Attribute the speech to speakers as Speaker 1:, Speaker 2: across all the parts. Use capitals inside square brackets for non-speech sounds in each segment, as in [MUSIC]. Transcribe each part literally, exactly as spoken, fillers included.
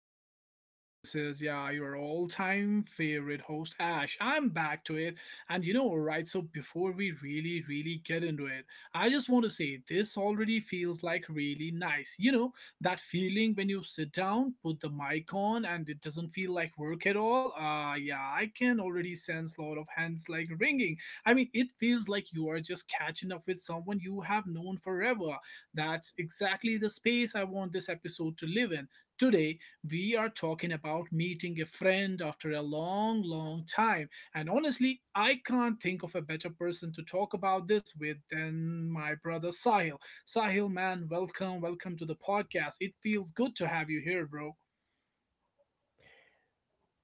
Speaker 1: You know who this is. Yeah, your all time favorite host, Ash. I'm back to it. And you know, all right, so before we really, really get into it, I just want to say this already feels like really nice. You know, that feeling when you sit down, put the mic on, and it doesn't feel like work at all. Ah, yeah, I can already sense a lot of hands like ringing. I mean, it feels like you are just catching up with someone you have known forever. That's exactly the space I want this episode to live in. Today, we are talking about meeting a friend after a long, long time. And honestly, I can't think of a better person to talk about this with than my brother Sahil. Sahil, man, welcome, welcome to the podcast. It feels good to have you here, bro.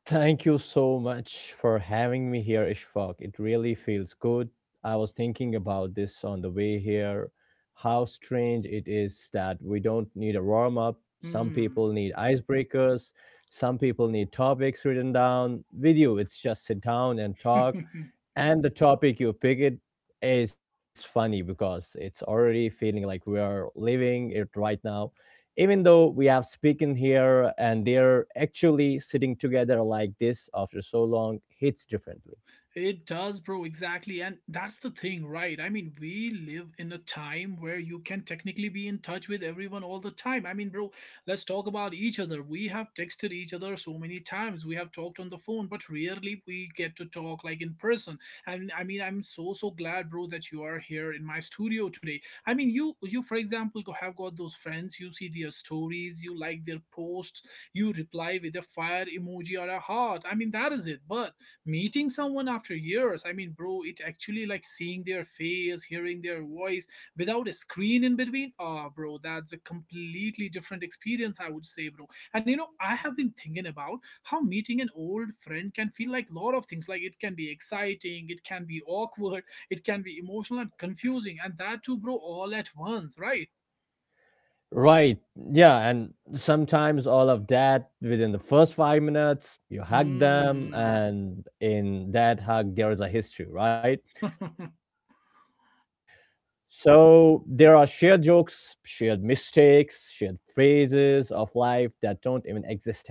Speaker 2: Thank you so much for having me here, Ishfaq. It really feels good. I was thinking about this on the way here. How strange it is that we don't need a warm up. Some
Speaker 1: Hmm.
Speaker 2: people need icebreakers. Some people need topics written down. With you, it's just sit down and talk.
Speaker 1: [LAUGHS]
Speaker 2: And the topic you pick it is funny because it's already feeling like we are living it right now even though we have spoken here and they're actually sitting together like this after so long hits differently,
Speaker 1: It does, bro, exactly. And that's the thing, right? I mean, we live in a time where you can technically be in touch with everyone all the time. I mean, bro, let's talk about each other. We have texted each other so many times. We have talked on the phone, but rarely we get to talk like in person. And I mean, I'm so so glad, bro, that you are here in my studio today. I mean, you you for example go- have got those friends, you see their stories, you like their posts, you reply with a fire emoji or a heart. I mean, that is it. But meeting someone after years, I mean, bro, it actually like seeing their face, hearing their voice without a screen in between. Oh bro, that's a completely different experience, I would say, bro. And you know I have been thinking about how meeting an old friend can feel like a lot of things. Like, it can be exciting, it can be awkward, it can be emotional and confusing, and that too, bro, all at once, right?
Speaker 2: right? Yeah, and sometimes all of that within the first five minutes, you hug them,
Speaker 1: Hmm. [LAUGHS]
Speaker 2: and in that hug there is a history, right? So there are shared jokes, shared mistakes, shared phases of life that don't even exist anymore.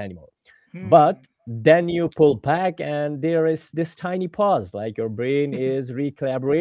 Speaker 2: But
Speaker 1: Hmm.
Speaker 2: then you pull back, and there is this tiny pause, like your brain is
Speaker 1: [LAUGHS]
Speaker 2: recollaborating.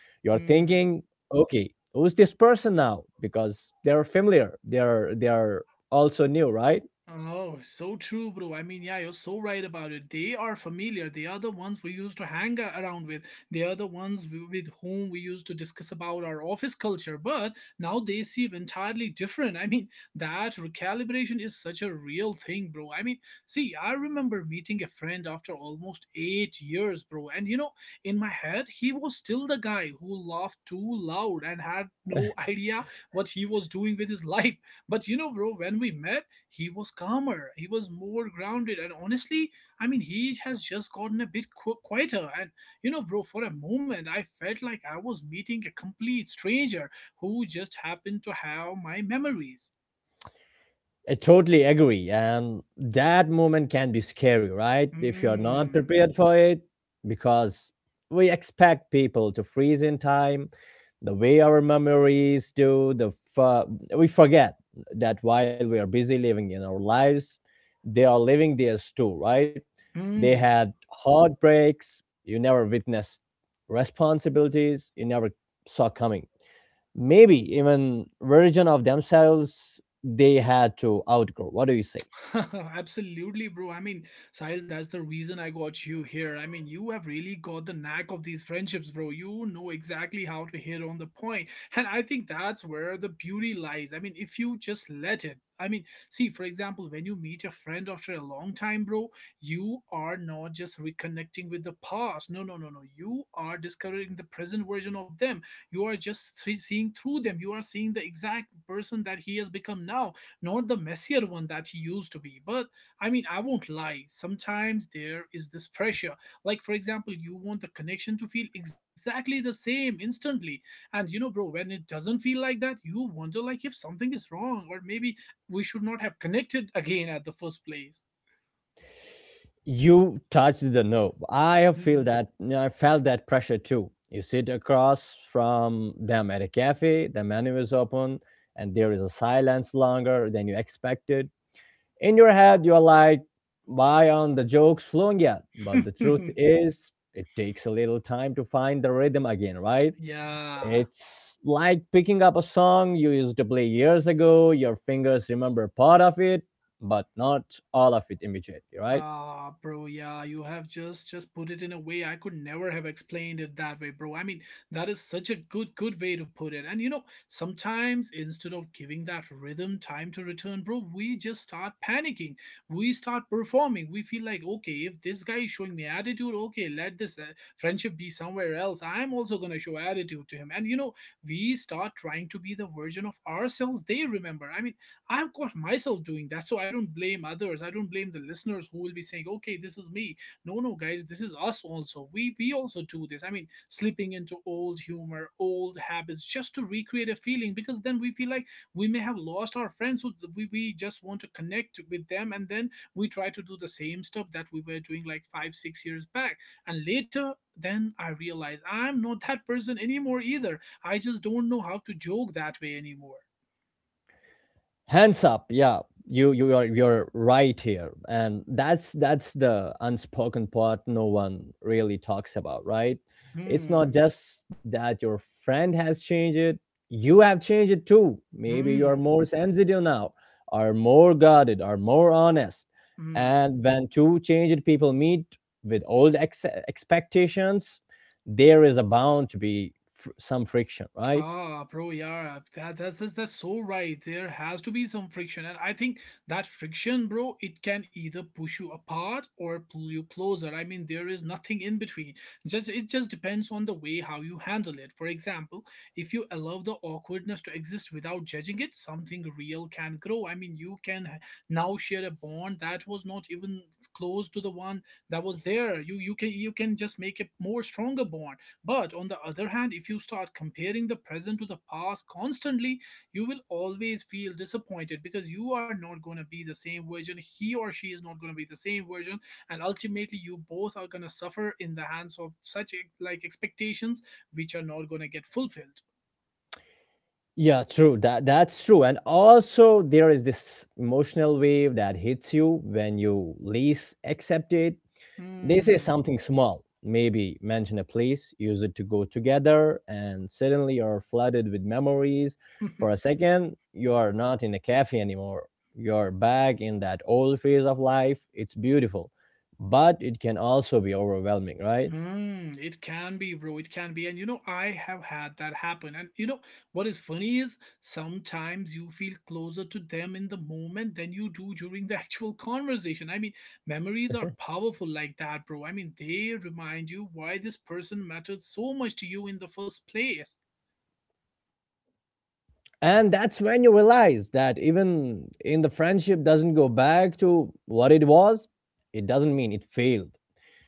Speaker 2: You're thinking,
Speaker 1: Hmm.
Speaker 2: okay, who's this person now? Because they're familiar, they're they're also new, right?
Speaker 1: Oh, so true, bro. I mean, yeah, you're so right about it. They are familiar. They are the ones we used to hang a- around with. They are the ones w- with whom we used to discuss about our office culture. But now they seem entirely different. I mean, [LAUGHS] that recalibration is such a real thing, bro. I mean, see, I remember meeting a friend after almost eight years, bro. And you know, in my head, he was still the guy who laughed too loud and had no [LAUGHS] idea what he was doing with his life. But you know, bro, when we met, he was calmer, he was more grounded, and honestly, I mean, he has just gotten a bit qu- quieter. And you know bro, for a moment, I felt like I was meeting a complete stranger who just happened to have my memories.
Speaker 2: I totally agree. And that moment can be scary, right? If you're not
Speaker 1: Mm,
Speaker 2: prepared for it, because we expect people to freeze in time, the way our memories do, the f- we forget that while we are busy living in our lives, they are living theirs too, right? They
Speaker 1: mm.
Speaker 2: had heartbreaks you never witnessed, responsibilities you never saw coming, maybe even version of themselves they had to outgrow. What do you say?
Speaker 1: [LAUGHS] Absolutely, bro. I mean, Sahil, that's the reason I got you here. I mean, you have really got the knack of these friendships, bro. You know exactly how to hit on the point. And I think that's where the beauty lies. I mean, if you just let it. I mean, see, for example, when you meet a friend after a long time, bro, you are not just reconnecting with the past. No, no, no, no. You are discovering the present version of them. You are just see- seeing through them. You are seeing the exact person that he has become now, not the messier one that he used to be. But I mean, I won't lie. Sometimes there is this pressure. Like, for example, you want the connection to feel exactly the same instantly. And you know, bro, when it doesn't feel like that, you wonder like if something is wrong, or maybe we should not have connected again at the first place.
Speaker 2: You touched the nerve. I feel that, I felt that pressure too. You sit across from them at a cafe, the menu is open, and there is a silence longer than you expected. In your head you're like, why aren't the jokes flowing yet? But the
Speaker 1: Hmm.
Speaker 2: truth is it takes a little time to find the rhythm again, right?
Speaker 1: [LAUGHS] Yeah.
Speaker 2: It's like picking up a song you used to play years ago. Your fingers remember part of it, but not all of it immediately, right?
Speaker 1: Ah, bro, yeah, you have just just put it in a way I could never have explained it that way, bro. I mean, that is such a good good way to put it. And you know, sometimes instead of giving that rhythm time to return, bro, we just start panicking. We start performing. We feel like, okay, if this guy is showing me attitude, okay, let this uh, friendship be somewhere else. I'm also going to show attitude to him. And you know, we start trying to be the version of ourselves they remember. I mean, I've got myself doing that, so I don't blame others. I don't blame the listeners who will be saying, "Okay, this is me." No, no, guys, this is us also. We we also do this. I mean, slipping into old humor, old habits, just to recreate a feeling, because then we feel like we may have lost our friends, who we we just want to connect with them, and then we try to do the same stuff that we were doing like five, six years back, and later. Then I realize I'm not that person anymore either. I just don't know how to joke that way anymore.
Speaker 2: Hands up, yeah. You you are, you're right here, and that's that's the unspoken part no one really talks about, right? It's not
Speaker 1: Hmm.
Speaker 2: just that your friend has changed it, you have changed it too. Maybe you're
Speaker 1: Hmm.
Speaker 2: more sensitive now, are more guarded, are more honest.
Speaker 1: Hmm.
Speaker 2: And when two changed people meet with old ex- expectations, there is a bound to be fr- some friction, right?
Speaker 1: Ah, bro, yeah, that, that's, that's that's so right. There has to be some friction, and I think that friction, bro, it can either push you apart or pull you closer. I mean, there is nothing in between. Just it just depends on the way how you handle it. For example, if you allow the awkwardness to exist without judging it, something real can grow. I mean, you can h- now share a bond that was not even close to the one that was there. You you can you can just make a more stronger bond. But on the other hand, if you start comparing the present to the past constantly, you will always feel disappointed because you are not going to be the same version. He or she is not going to be the same version. And ultimately, you both are going to suffer in the hands of such like expectations which are not going to get fulfilled.
Speaker 2: Yeah, true. That that's true. And also there is this emotional wave that hits you when you least accept it. They say
Speaker 1: Hmm.
Speaker 2: something small, maybe mention a place, use it to go together, and suddenly you're flooded with memories. For a
Speaker 1: [LAUGHS]
Speaker 2: second, you are not in a cafe anymore. You're back in that old phase of life. It's beautiful, but it can also be overwhelming, right?
Speaker 1: Hmm, it can be, bro. It can be. And you know, I have had that happen. And you know, what is funny is sometimes you feel closer to them in the moment than you do during the actual [LAUGHS] conversation. I mean, memories are
Speaker 2: [LAUGHS]
Speaker 1: powerful like that, bro. I mean, they remind you why this person mattered so much to you in the first place.
Speaker 2: And that's when you realize that even in the friendship doesn't go back to what it was, it doesn't mean it failed.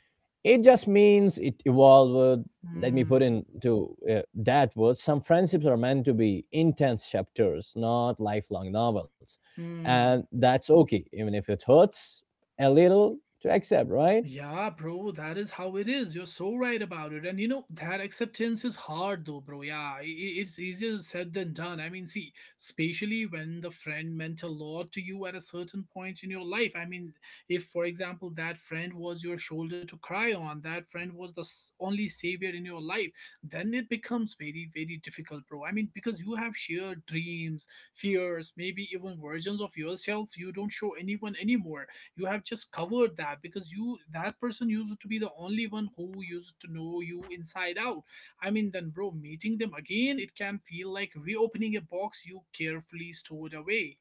Speaker 2: It just means it evolved. Let me put
Speaker 1: Hmm.
Speaker 2: into uh, that word. Some friendships are meant to be intense chapters, not lifelong novels. And
Speaker 1: Hmm.
Speaker 2: that's okay, even if it hurts a little to accept, right?
Speaker 1: Yeah, bro, that is how it is. You're so right about it. And you know, that acceptance is hard though, bro. Yeah, i- i- it's easier said than done. I mean, see, especially when the friend meant a lot to you at a certain point in your life. I mean, if, for example, that friend was your shoulder to cry on, that friend was the s- only savior in your life, then it becomes very, very difficult, bro. I mean, because you have shared dreams, fears, maybe even versions of yourself you don't show anyone anymore. You have just covered that because you that person used to be the only one who used to know you inside out. I mean, then bro, meeting them again, it can feel like reopening a box you carefully stored away.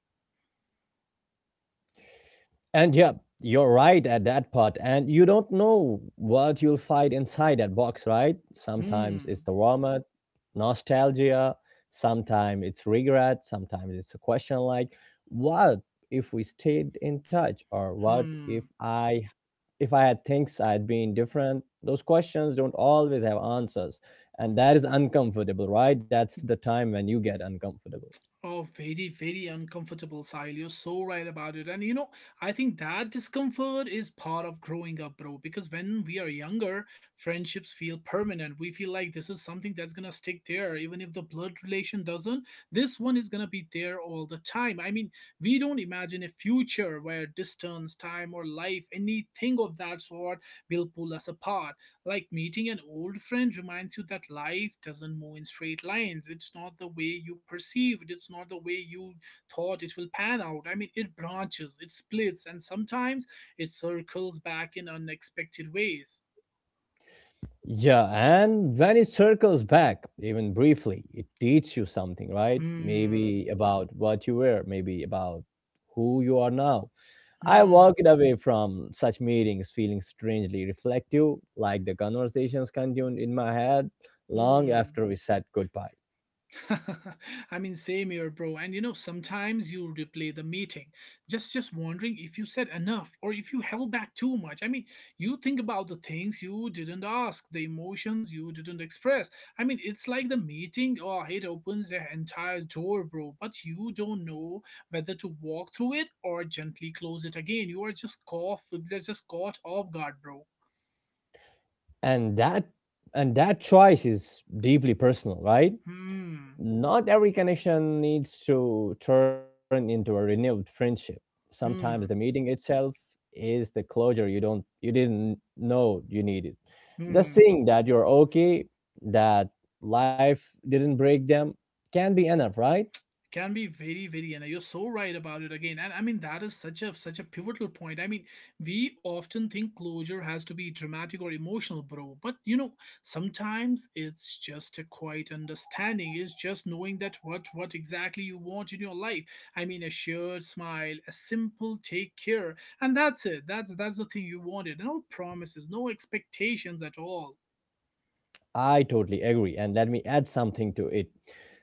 Speaker 2: And yeah, you're right at that part. And you don't know what you'll find inside that box, right? Sometimes it's the
Speaker 1: Hmm.
Speaker 2: warmth, nostalgia, sometimes it's regret, sometimes it's a question like, what if we stayed in touch? Or what if
Speaker 1: Hmm.
Speaker 2: I, if I had things I had been different? Those questions don't always have answers. And that is uncomfortable, right? That's the time when you get uncomfortable.
Speaker 1: Oh, very, very uncomfortable, Sahil. You're so right about it. And you know, I think that discomfort is part of growing up, bro. Because when we are younger, friendships feel permanent. We feel like this is something that's gonna stick there. Even if the blood relation doesn't, this one is gonna be there all the time. I mean, we don't imagine a future where distance, time, or life, anything of that sort will pull us apart. Like meeting an old friend reminds you that life doesn't move in straight lines. It's not the way you perceived, it's not the way you thought it will pan out. I mean, it branches, it splits, and sometimes it circles back in unexpected ways.
Speaker 2: Yeah, and when it circles back, even briefly, it teaches you something, right?
Speaker 1: Hmm,
Speaker 2: Maybe about what you were, maybe about who you are now. I
Speaker 1: hmm,
Speaker 2: walked away from such meetings feeling strangely reflective, like the conversations continued in my head long
Speaker 1: hmm.
Speaker 2: after we said goodbye.
Speaker 1: [LAUGHS] I mean, same here, bro. And you know, sometimes you replay the meeting, just just wondering if you said enough or if you held back too much. I mean, you think about the things you didn't ask, the emotions you didn't express. I mean, it's like the meeting, oh, it opens the entire door, bro. But you don't know whether to walk through it or gently close it again. You are just caught, just caught off guard, bro.
Speaker 2: And that, and that choice is deeply personal, right?
Speaker 1: Hmm.
Speaker 2: Not every connection needs to turn into a renewed friendship. Sometimes the
Speaker 1: Hmm.
Speaker 2: meeting itself is the closure you don't you didn't know you needed. Just
Speaker 1: Hmm.
Speaker 2: seeing that you're okay, that life didn't break them, can be enough, right?
Speaker 1: Can be very very and you're so right about it again. And I mean that is such a such a pivotal point. I mean we often think closure has to be dramatic or emotional, bro, but you know sometimes it's just a quiet understanding. It's just knowing that what what exactly you want in your life. I mean a shared smile, a simple take care, and that's it. That's that's the thing you wanted. No promises, no expectations at all.
Speaker 2: I totally agree. And let me add something to it.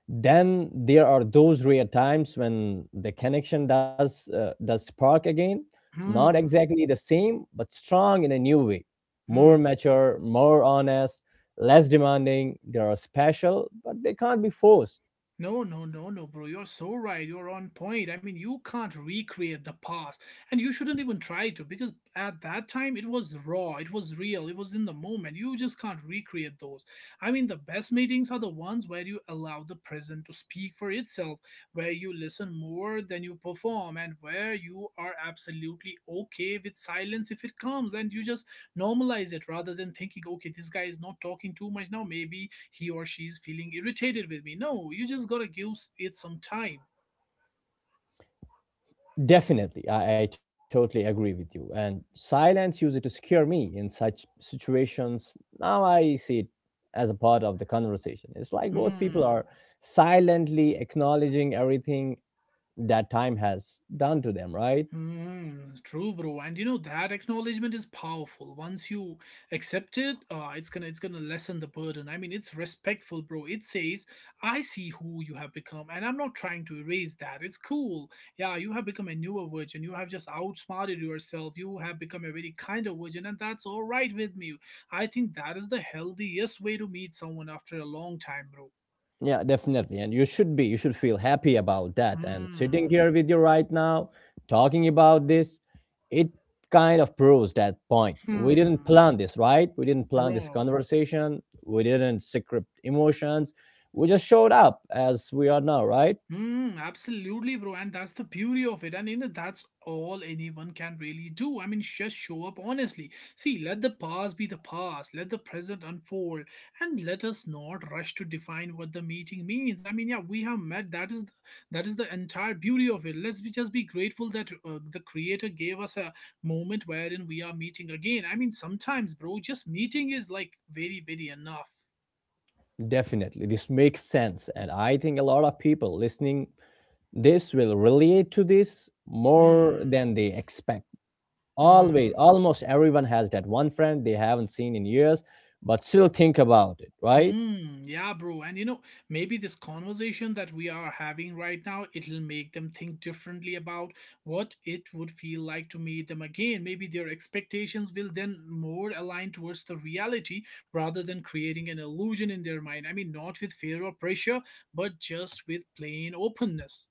Speaker 2: Then there are those rare times when the connection does, uh, does spark again, not
Speaker 1: Hmm.
Speaker 2: exactly the same, but strong in a new way,
Speaker 1: Hmm.
Speaker 2: more mature, more honest, less demanding. They are special, but they can't be forced.
Speaker 1: No, no, no, no, bro. You're so right. You're on point. I mean, you can't recreate the past, and you shouldn't even try to because at that time it was raw, it was real, it was in the moment. You just can't recreate those. I mean, the best meetings are the ones where you allow the present to speak for itself, where you listen more than you perform, and where you are absolutely okay with silence if it comes, and you just normalize it rather than thinking okay, this guy is not talking too much now, maybe he or she is feeling irritated with me. No, you just gotta give it some time.
Speaker 2: Definitely, I, I totally agree with you. And silence used to scare me in such situations. Now I see it as a part of the conversation. It's like both people
Speaker 1: Hmm.
Speaker 2: are silently acknowledging everything that time has done to them, right?
Speaker 1: Hmm, true, bro. And you know that acknowledgement is powerful. Once you accept it, uh, it's gonna it's gonna lessen the burden. I mean, it's respectful, bro. It says, "I see who you have become, and I'm not trying to erase that. It's cool. Yeah, you have become a newer virgin. You have just outsmarted yourself. You have become a very kinder virgin, and that's all right with me. I think that is the healthiest way to meet someone after a long time, bro.
Speaker 2: Yeah, definitely. And you should be, you should feel happy about that. And sitting
Speaker 1: Hmm.
Speaker 2: here with you right now, talking about this, it kind of proves that point. We didn't
Speaker 1: Hmm.
Speaker 2: plan this, right? We didn't plan this
Speaker 1: Bro.
Speaker 2: conversation. We didn't script emotions. We just showed up as we are now, right?
Speaker 1: Hmm, absolutely, bro. And that's the beauty of it. And you know, that's all anyone can really do. I mean, just show up honestly. See, let the past be the past, let the present unfold, and let us not rush to define what the meeting means. I mean, yeah, we have met. That is the that is the entire beauty of it. Let's be, just be grateful that uh, the creator gave us a moment wherein we are meeting again. I mean, sometimes, bro, just meeting is like very, very enough.
Speaker 2: Definitely. This makes sense. And I think a lot of people listening this will relate to this more
Speaker 1: Hmm.
Speaker 2: than they expect. Always,
Speaker 1: Hmm.
Speaker 2: almost everyone has that one friend they haven't seen in years, but still think about it, right?
Speaker 1: Hmm, yeah, bro. And you know, maybe this conversation that we are having right now, it'll make them think differently about what it would feel like to meet them again. Maybe their expectations will then more align towards the reality rather than creating an illusion in their mind. I mean, not with fear or pressure, but just with plain openness.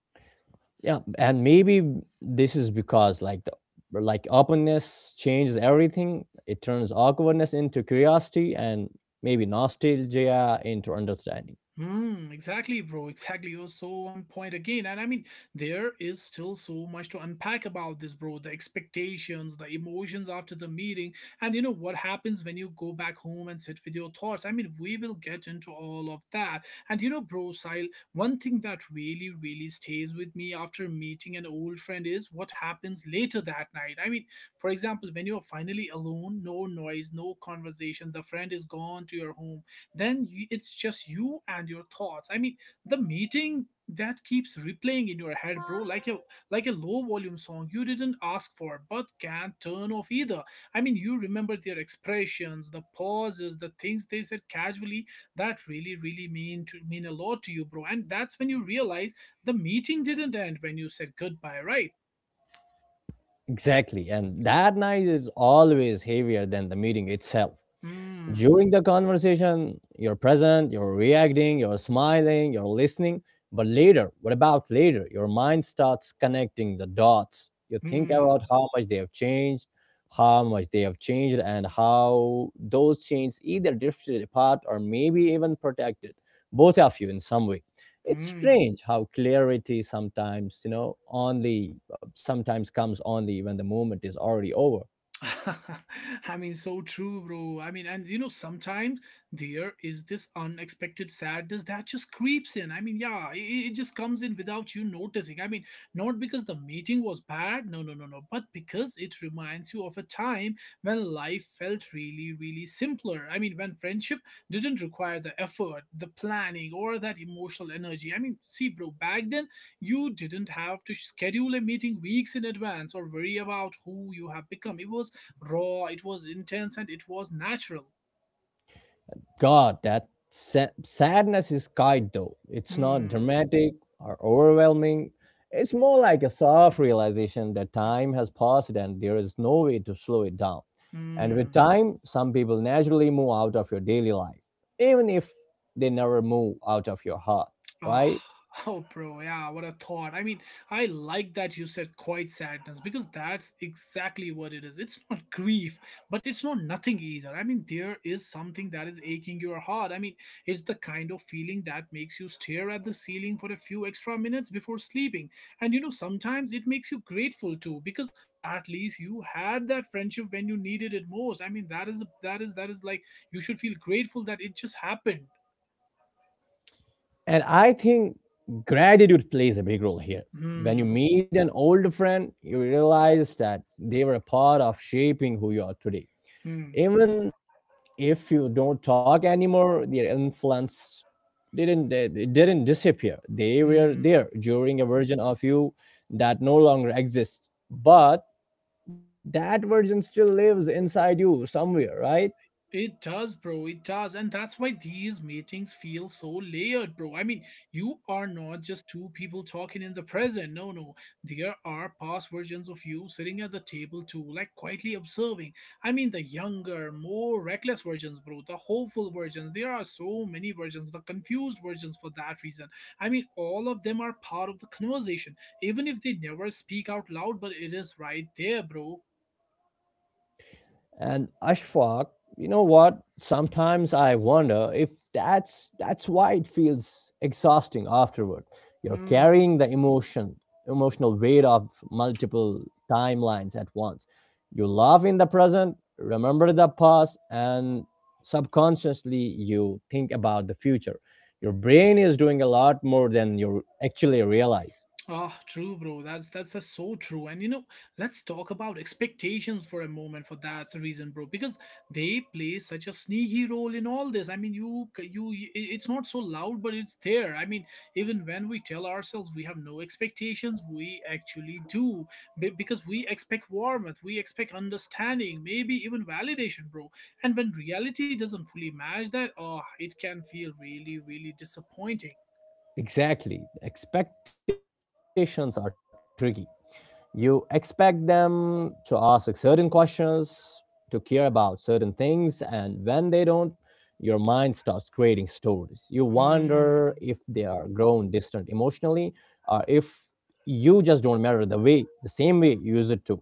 Speaker 2: Yeah, and maybe this is because like the like openness changes everything. It turns awkwardness into curiosity and maybe nostalgia into understanding.
Speaker 1: Hmm, exactly, bro. Exactly. You're so on point again. And I mean, there is still so much to unpack about this, bro. The expectations, the emotions after the meeting, and you know what happens when you go back home and sit with your thoughts. I mean, we will get into all of that. And you know, bro, Sile, one thing that really, really stays with me after meeting an old friend is what happens later that night. I mean, for example, when you're finally alone, no noise, no conversation, the friend is gone to your home, then you, it's just you and your thoughts. I mean the meeting that keeps replaying in your head, bro, like a like a low volume song you didn't ask for but can't turn off either. I mean you remember their expressions, the pauses, the things they said casually that really really mean to mean a lot to you, bro. And that's when you realize the meeting didn't end when you said goodbye, right?
Speaker 2: Exactly. And that night is always heavier than the meeting itself.
Speaker 1: Hmm.
Speaker 2: During the conversation, you're present, you're reacting, you're smiling, you're listening. But later, what about later? Your mind starts connecting the dots. You think about
Speaker 1: Hmm.
Speaker 2: how much they have changed, how much they have changed, and how those changes either drifted apart or maybe even protected both of you in some way. It's
Speaker 1: Hmm.
Speaker 2: strange how clarity sometimes, you know, only uh, sometimes comes only when the moment is already over.
Speaker 1: [LAUGHS] I mean, so true, bro. I mean, and you know, sometimes there is this unexpected sadness that just creeps in. I mean, yeah, it, it just comes in without you noticing. I mean, not because the meeting was bad, no, no, no, no, but because it reminds you of a time when life felt really, really simpler. I mean, when friendship didn't require the effort, the planning, or that emotional energy. I mean, see, bro, back then you didn't have to schedule a meeting weeks in advance or worry about who you have become. It was raw, it was intense, and it was natural.
Speaker 2: God, that sa- sadness is kind though. It's not
Speaker 1: Hmm.
Speaker 2: dramatic or overwhelming. It's more like a soft realization that
Speaker 1: Hmm.
Speaker 2: time has passed and there is no way to slow it down. And with
Speaker 1: Hmm.
Speaker 2: time, some people naturally move out of your daily life, even if they never move out of your heart,
Speaker 1: Oh,
Speaker 2: right?
Speaker 1: [LAUGHS] oh, bro, yeah, what a thought. I mean, I like that you said quiet sadness because that's exactly what it is. It's not grief, but it's not nothing either. I mean, there is something that is aching your heart. I mean, it's the kind of feeling that makes you stare at the ceiling for a few extra minutes before sleeping. And you know, sometimes it makes you grateful too because at least you had that friendship when you needed it most. I mean, that is that is that is like you should feel grateful that it just happened.
Speaker 2: And I think gratitude plays a big role here. When you
Speaker 1: Hmm.
Speaker 2: meet an old friend, you realize that they were a part of shaping who you are today,
Speaker 1: Hmm.
Speaker 2: even if you don't talk anymore. Their influence didn't, they they didn't disappear. They were
Speaker 1: Hmm.
Speaker 2: there during a version of you that no longer exists, but that version still lives inside you somewhere, right?
Speaker 1: It does, bro. It does. And that's why these meetings feel so layered, bro. I mean, you are not just two people talking in the present. No, no. There are past versions of you sitting at the table too, like quietly observing. I mean, the younger, more reckless versions, bro. The hopeful versions. There are so many versions, the confused versions for that reason. I mean, all of them are part of the conversation, even if they never speak out loud, but it is right there, bro.
Speaker 2: And Ashfaq, you know what? Sometimes I wonder if that's that's why it feels exhausting afterward. You're
Speaker 1: Hmm.
Speaker 2: carrying the emotion, emotional weight of multiple timelines at once. You love in the present, remember the past, and subconsciously you think about the future. Your brain is doing a lot more than you actually realize.
Speaker 1: Ah, true, bro. That's that's just so true. And you know, let's talk about expectations for a moment. For that reason, bro, because they play such a sneaky role in all this. I mean, you you, i- it's not so loud, but it's there. I mean, even when we tell ourselves we have no expectations, we actually do, Be- because we expect warmth, we expect understanding, maybe even validation, bro. And when reality doesn't fully match that, oh, it can feel really, really disappointing.
Speaker 2: Exactly. Expectations are tricky. You expect them to ask certain questions, to care about certain things, and when they don't, your mind starts creating stories. You wonder
Speaker 1: Hmm.
Speaker 2: if they are grown distant emotionally, or if you just don't matter the way, the same way you used it to.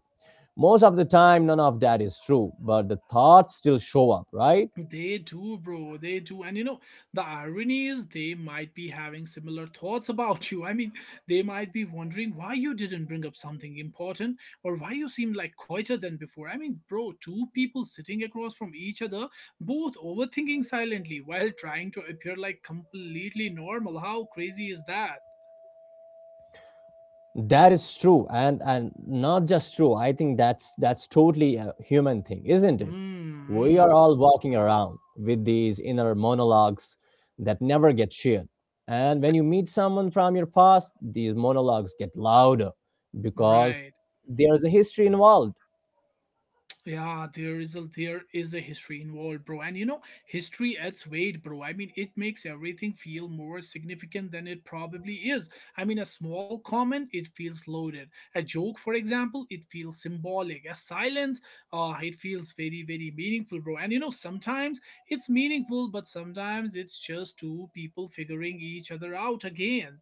Speaker 2: Most of the time none of that is true, but the thoughts still show up, right?
Speaker 1: They do, bro. They do. And you know, the irony is they might be having similar thoughts about [LAUGHS] you. I mean, they might be wondering why you didn't bring up something important or why you seem like quieter than before. I mean, bro, two people sitting across from each other, both overthinking silently while trying to appear like completely normal. How crazy is that?
Speaker 2: That is true, and and not just true. I think that's that's totally a human thing, isn't it?
Speaker 1: Hmm.
Speaker 2: We are
Speaker 1: Hmm.
Speaker 2: all walking around with these inner monologues that never get shared. And when you meet someone from your past, these monologues get louder because
Speaker 1: Right.
Speaker 2: there's a history involved.
Speaker 1: Yeah, there is a there is a history involved, bro. And you know, history adds weight, bro. I mean, it makes everything feel more significant than it probably is. I mean, a small comment, it feels loaded. A joke, for example, it feels symbolic. A silence, uh, it feels very, very meaningful, bro. And you know, sometimes it's meaningful, but sometimes it's just two people figuring each other out again.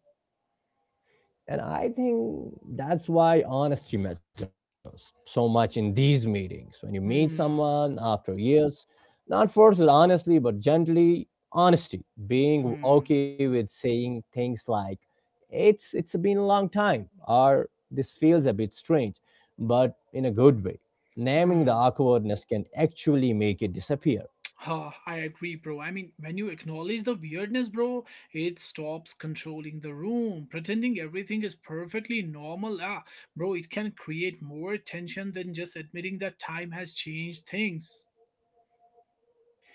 Speaker 2: And I think that's why honesty matters so much in these meetings. When you meet someone
Speaker 1: Hmm.
Speaker 2: after years, not forced honestly, but gently honesty, being
Speaker 1: Hmm.
Speaker 2: okay with saying things like, it's it's been a long time, or this feels a bit strange, but in a good way. Naming the
Speaker 1: Hmm.
Speaker 2: awkwardness can actually make it disappear.
Speaker 1: Huh, I agree, bro. I mean, when you acknowledge the weirdness, bro, it stops controlling the room. Pretending everything is perfectly normal, ah, bro, it can create more tension than just admitting that time has changed things.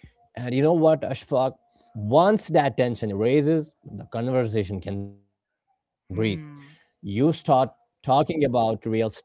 Speaker 2: And you know what, Ashfaq? Once that tension erases, the conversation can breathe. You start
Speaker 1: Hmm.
Speaker 2: talking about real stuff,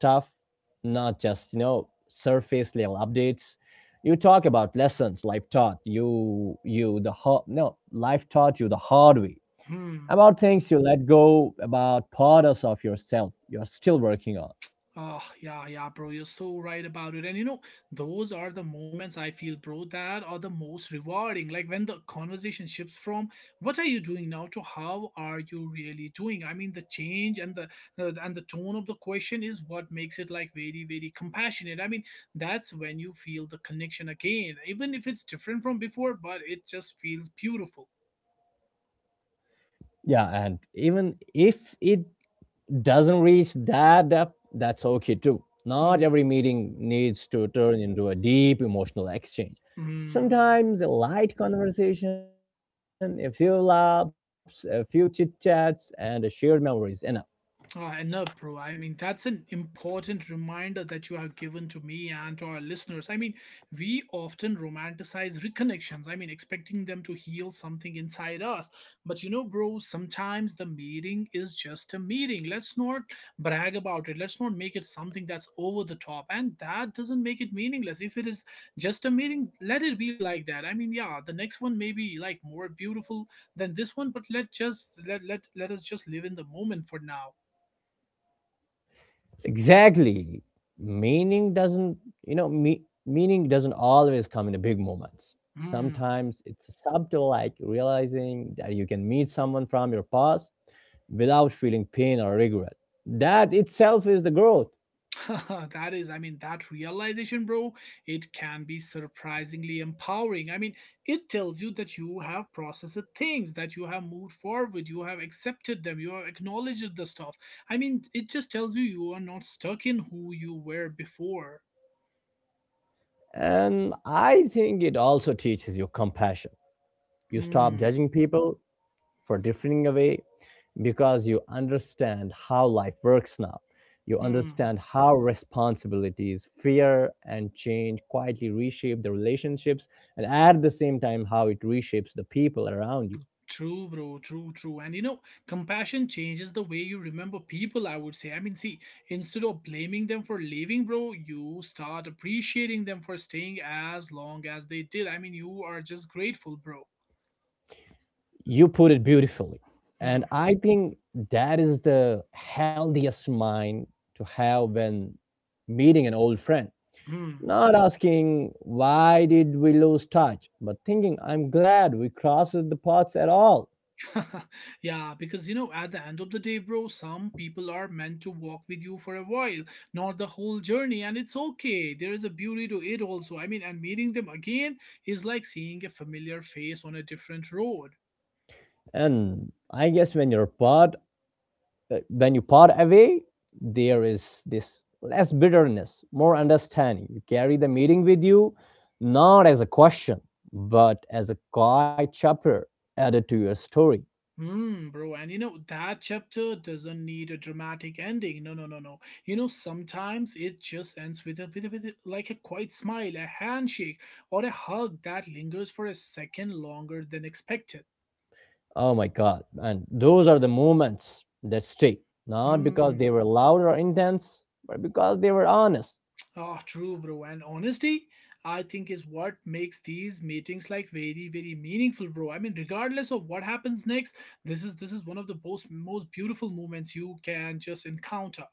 Speaker 2: not just, you know, surface level updates. You talk about lessons life taught you, you the hard, no, life taught you the hard way.
Speaker 1: Hmm.
Speaker 2: About things you let go, about parts of yourself you're still working on.
Speaker 1: Oh, yeah, yeah, bro. You're so right about it. And you know, those are the moments I feel, bro, that are the most rewarding. Like when the conversation shifts from what are you doing now to how are you really doing? I mean, the change and the uh, and the tone of the question is what makes it like very, very compassionate. I mean, that's when you feel the connection again, even if it's different from before, but it just feels beautiful.
Speaker 2: Yeah, and even if it doesn't reach that depth, that's okay too. Not
Speaker 1: Hmm.
Speaker 2: every meeting needs to turn into a deep emotional exchange.
Speaker 1: Hmm.
Speaker 2: Sometimes a light conversation, a few laughs, a few chit chats, and a shared memory is enough.
Speaker 1: Uh, enough, bro. I mean, that's an important reminder that you have given to me and to our listeners. I mean, we often romanticize reconnections, I mean, expecting them to heal something inside us. But you know, bro, sometimes the meeting is just a meeting. Let's not brag about it. Let's not make it something that's over the top. And that doesn't make it meaningless. If it is just a meeting, let it be like that. I mean, yeah, the next one may be like more beautiful than this one, but let just let let let us just live in the moment for now.
Speaker 2: Exactly. Meaning doesn't, you know, me, meaning doesn't always come in the big moments.
Speaker 1: Hmm.
Speaker 2: Sometimes it's subtle, like realizing that you can meet someone from your past without feeling pain or regret. That itself is the growth.
Speaker 1: [LAUGHS] That is, I mean, that realization, bro, it can be surprisingly empowering. I mean, it tells you that you have processed things, that you have moved forward, you have accepted them, you have acknowledged the stuff. I mean, it just tells you you are not stuck in who you were before.
Speaker 2: And I think it also teaches you compassion. You stop
Speaker 1: Hmm.
Speaker 2: judging people for differing away because you understand how life works now. You
Speaker 1: Hmm.
Speaker 2: understand how responsibilities, fear, and change quietly reshape the relationships, and at the same time how it reshapes the people around you.
Speaker 1: True, bro. True, true. And you know, compassion changes the way you remember people, I would say. I mean, see, instead of blaming them for leaving, bro, you start appreciating them for staying as long as they did. I mean, you are just grateful, bro.
Speaker 2: You put it beautifully. And
Speaker 1: Hmm.
Speaker 2: I think that is the healthiest mind to have when meeting an old friend.
Speaker 1: Hmm.
Speaker 2: Not asking why did we lose touch, but thinking I'm glad we crossed the paths at all.
Speaker 1: [LAUGHS] Yeah, because you know, at the end of the day, bro, some people are meant to walk with you for a while, not the whole journey, and it's okay. There is a beauty to it, also. I mean, and meeting them again is like seeing a familiar face on a different road.
Speaker 2: And I guess when you're part, uh, when you part away, there is this less bitterness, more understanding. You carry the meeting with you, not as a question, but as a quiet chapter added to your story.
Speaker 1: Hmm, bro, and you know, that chapter doesn't need a dramatic ending. No, no, no, no. You know, sometimes it just ends with a, with, a, with a, like a quiet smile, a handshake, or a hug that lingers for a second longer than expected.
Speaker 2: Oh my God. And those are the moments that stay, not because
Speaker 1: Hmm,
Speaker 2: they were loud or intense, but because they were honest.
Speaker 1: ah, true, bro. And honesty, I think, is what makes these meetings like very, very meaningful, bro. I mean, regardless of what happens next, this is this is one of the most most beautiful moments you can just encounter.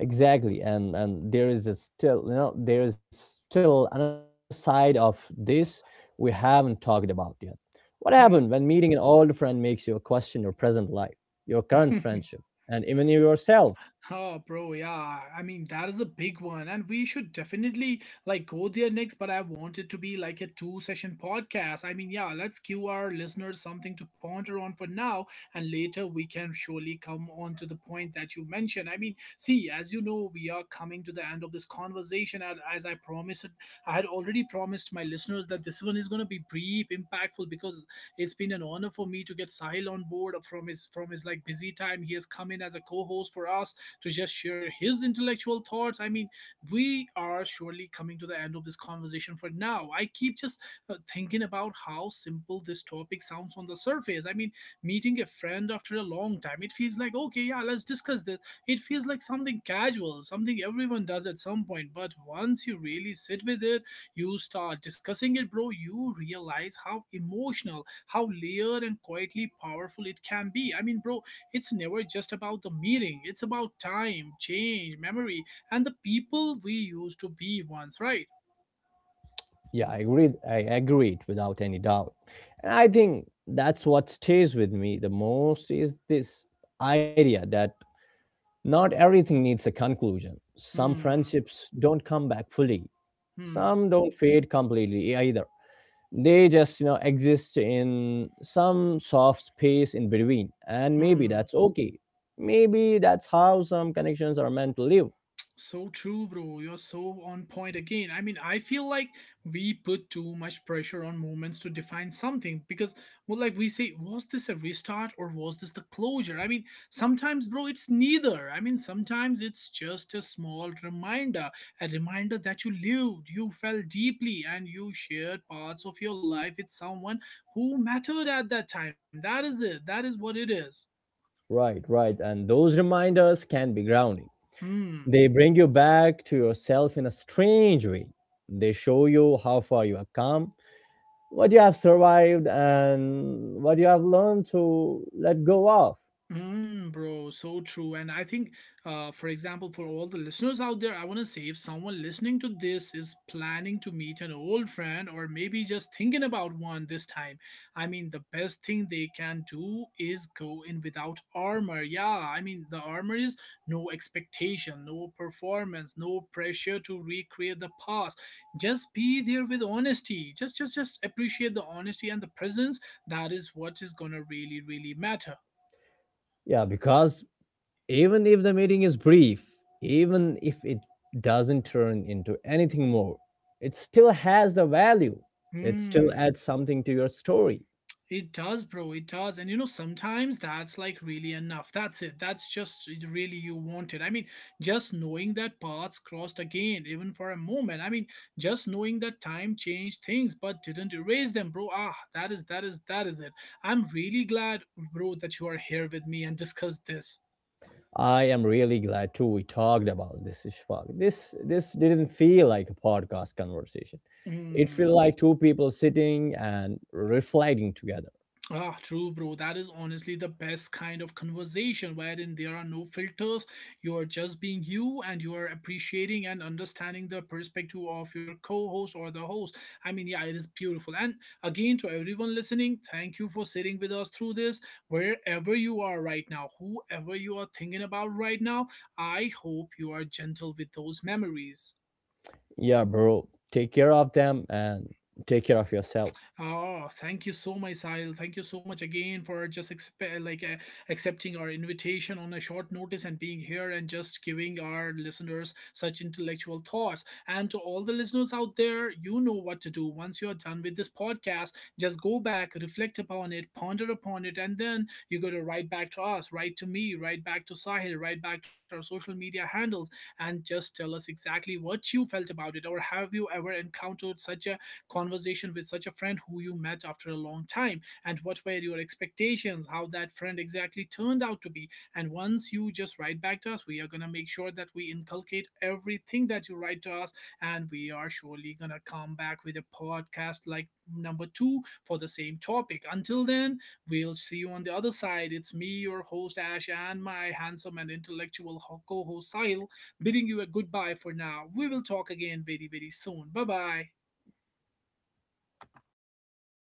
Speaker 2: Exactly. And and there is a still, you know, there is still another side of this we haven't talked about yet. What happened
Speaker 1: Hmm.
Speaker 2: when meeting an old friend makes you question your present life, your current
Speaker 1: [LAUGHS]
Speaker 2: friendship, and even you yourself?
Speaker 1: Oh, bro, yeah. I mean, that is a big one, and we should definitely like go there next. But I want it to be like a two-session podcast. I mean, yeah, let's give our listeners something to ponder on for now, and later we can surely come on to the point that you mentioned. I mean, see, as you know, we are coming to the end of this conversation, and as I promised, I had already promised my listeners that this one is going to be brief, impactful, because it's been an honor for me to get Sahil on board from his from his like busy time. He has come in as a co-host for us to just share his intellectual thoughts. I mean, we are surely coming to the end of this conversation for now. I keep just uh, thinking about how simple this topic sounds on the surface. I mean, meeting a friend after a long time, it feels like, okay, yeah, let's discuss this. It feels like something casual, something everyone does at some point. But once you really sit with it, you start discussing it, bro, you realize how emotional, how layered and quietly powerful it can be. I mean, bro, it's never just about the meeting, it's about time, change, memory, and the people we used to be once, right?
Speaker 2: Yeah, I agreed. I agreed without any doubt. And I think that's what stays with me the most is this idea that not everything needs a conclusion. Some
Speaker 1: Hmm,
Speaker 2: friendships don't come back fully.
Speaker 1: hmm,
Speaker 2: Some don't fade completely either. They just, you know, exist in some soft space in between. And maybe
Speaker 1: hmm.
Speaker 2: that's okay. Maybe that's how some connections are meant to live.
Speaker 1: So true, bro. You're so on point again. I mean, I feel like we put too much pressure on moments to define something because, well, like we say, was this a restart or was this the closure? I mean, sometimes, bro, it's neither. I mean, sometimes it's just a small reminder, a reminder that you lived, you felt deeply, and you shared parts of your life with someone who mattered at that time. That is it. That is what it is.
Speaker 2: Right, right. And those reminders can be grounding.
Speaker 1: Hmm.
Speaker 2: They bring you back to yourself in a strange way. They show you how far you have come, what you have survived, and what you have learned to let go of.
Speaker 1: Mm, bro, so true. And I think, uh, for example, for all the listeners out there, I want to say if someone listening to this is planning to meet an old friend or maybe just thinking about one this time, I mean, the best thing they can do is go in without armor. Yeah, I mean, the armor is no expectation, no performance, no pressure to recreate the past. Just be there with honesty. Just, just, just appreciate the honesty and the presence. That is what is gonna really, really matter.
Speaker 2: Yeah, because even if the meeting is brief, even if it doesn't turn into anything more, it still has the value. It still
Speaker 1: Hmm.
Speaker 2: adds something to your story.
Speaker 1: It does, bro. It does. And you know, sometimes that's like really enough. That's it. That's just it really you want it. I mean, just knowing that paths crossed again, even for a moment. I mean, just knowing that time changed things but didn't erase them, bro. Ah, that is that is that is it. I'm really glad, bro, that you are here with me and discuss this.
Speaker 2: I am really glad too we talked about this, Ishfaq. This this didn't feel like a podcast conversation. It felt
Speaker 1: Hmm.
Speaker 2: like two people sitting and reflecting together.
Speaker 1: Ah, true, bro. That is honestly the best kind of conversation wherein there are no filters. You're just being you and you are appreciating and understanding the perspective of your co host or the host. I mean, yeah, it is beautiful. And again, to everyone listening, thank you for sitting with us through this. Wherever you are right now, whoever you are thinking about right now, I hope you are gentle with those memories.
Speaker 2: Yeah, bro. Take care of them and take care of yourself.
Speaker 1: Oh, thank you so much, Sahil. Thank you so much again for just exp- like uh, accepting our invitation on a short notice and being here and just giving our listeners such intellectual thoughts. And to all the listeners out there, you know what to do. Once you are done with this podcast, just go back, reflect upon it, ponder upon it, and then you got to write back to us, write to me, write back to Sahil, write back to our social media handles, and just tell us exactly what you felt about it, or have you ever encountered such a conversation with such a friend who you met after a long time, and what were your expectations, how that friend exactly turned out to be? And once you just write back to us, we are going to make sure that we inculcate everything that you write to us, and we are surely going to come back with a podcast like number two for the same topic. Until then, we'll see you on the other side. It's me, your host Ash, and my handsome and intellectual co-host Sahil, bidding you a goodbye for now. We will talk again very, very soon. Bye bye.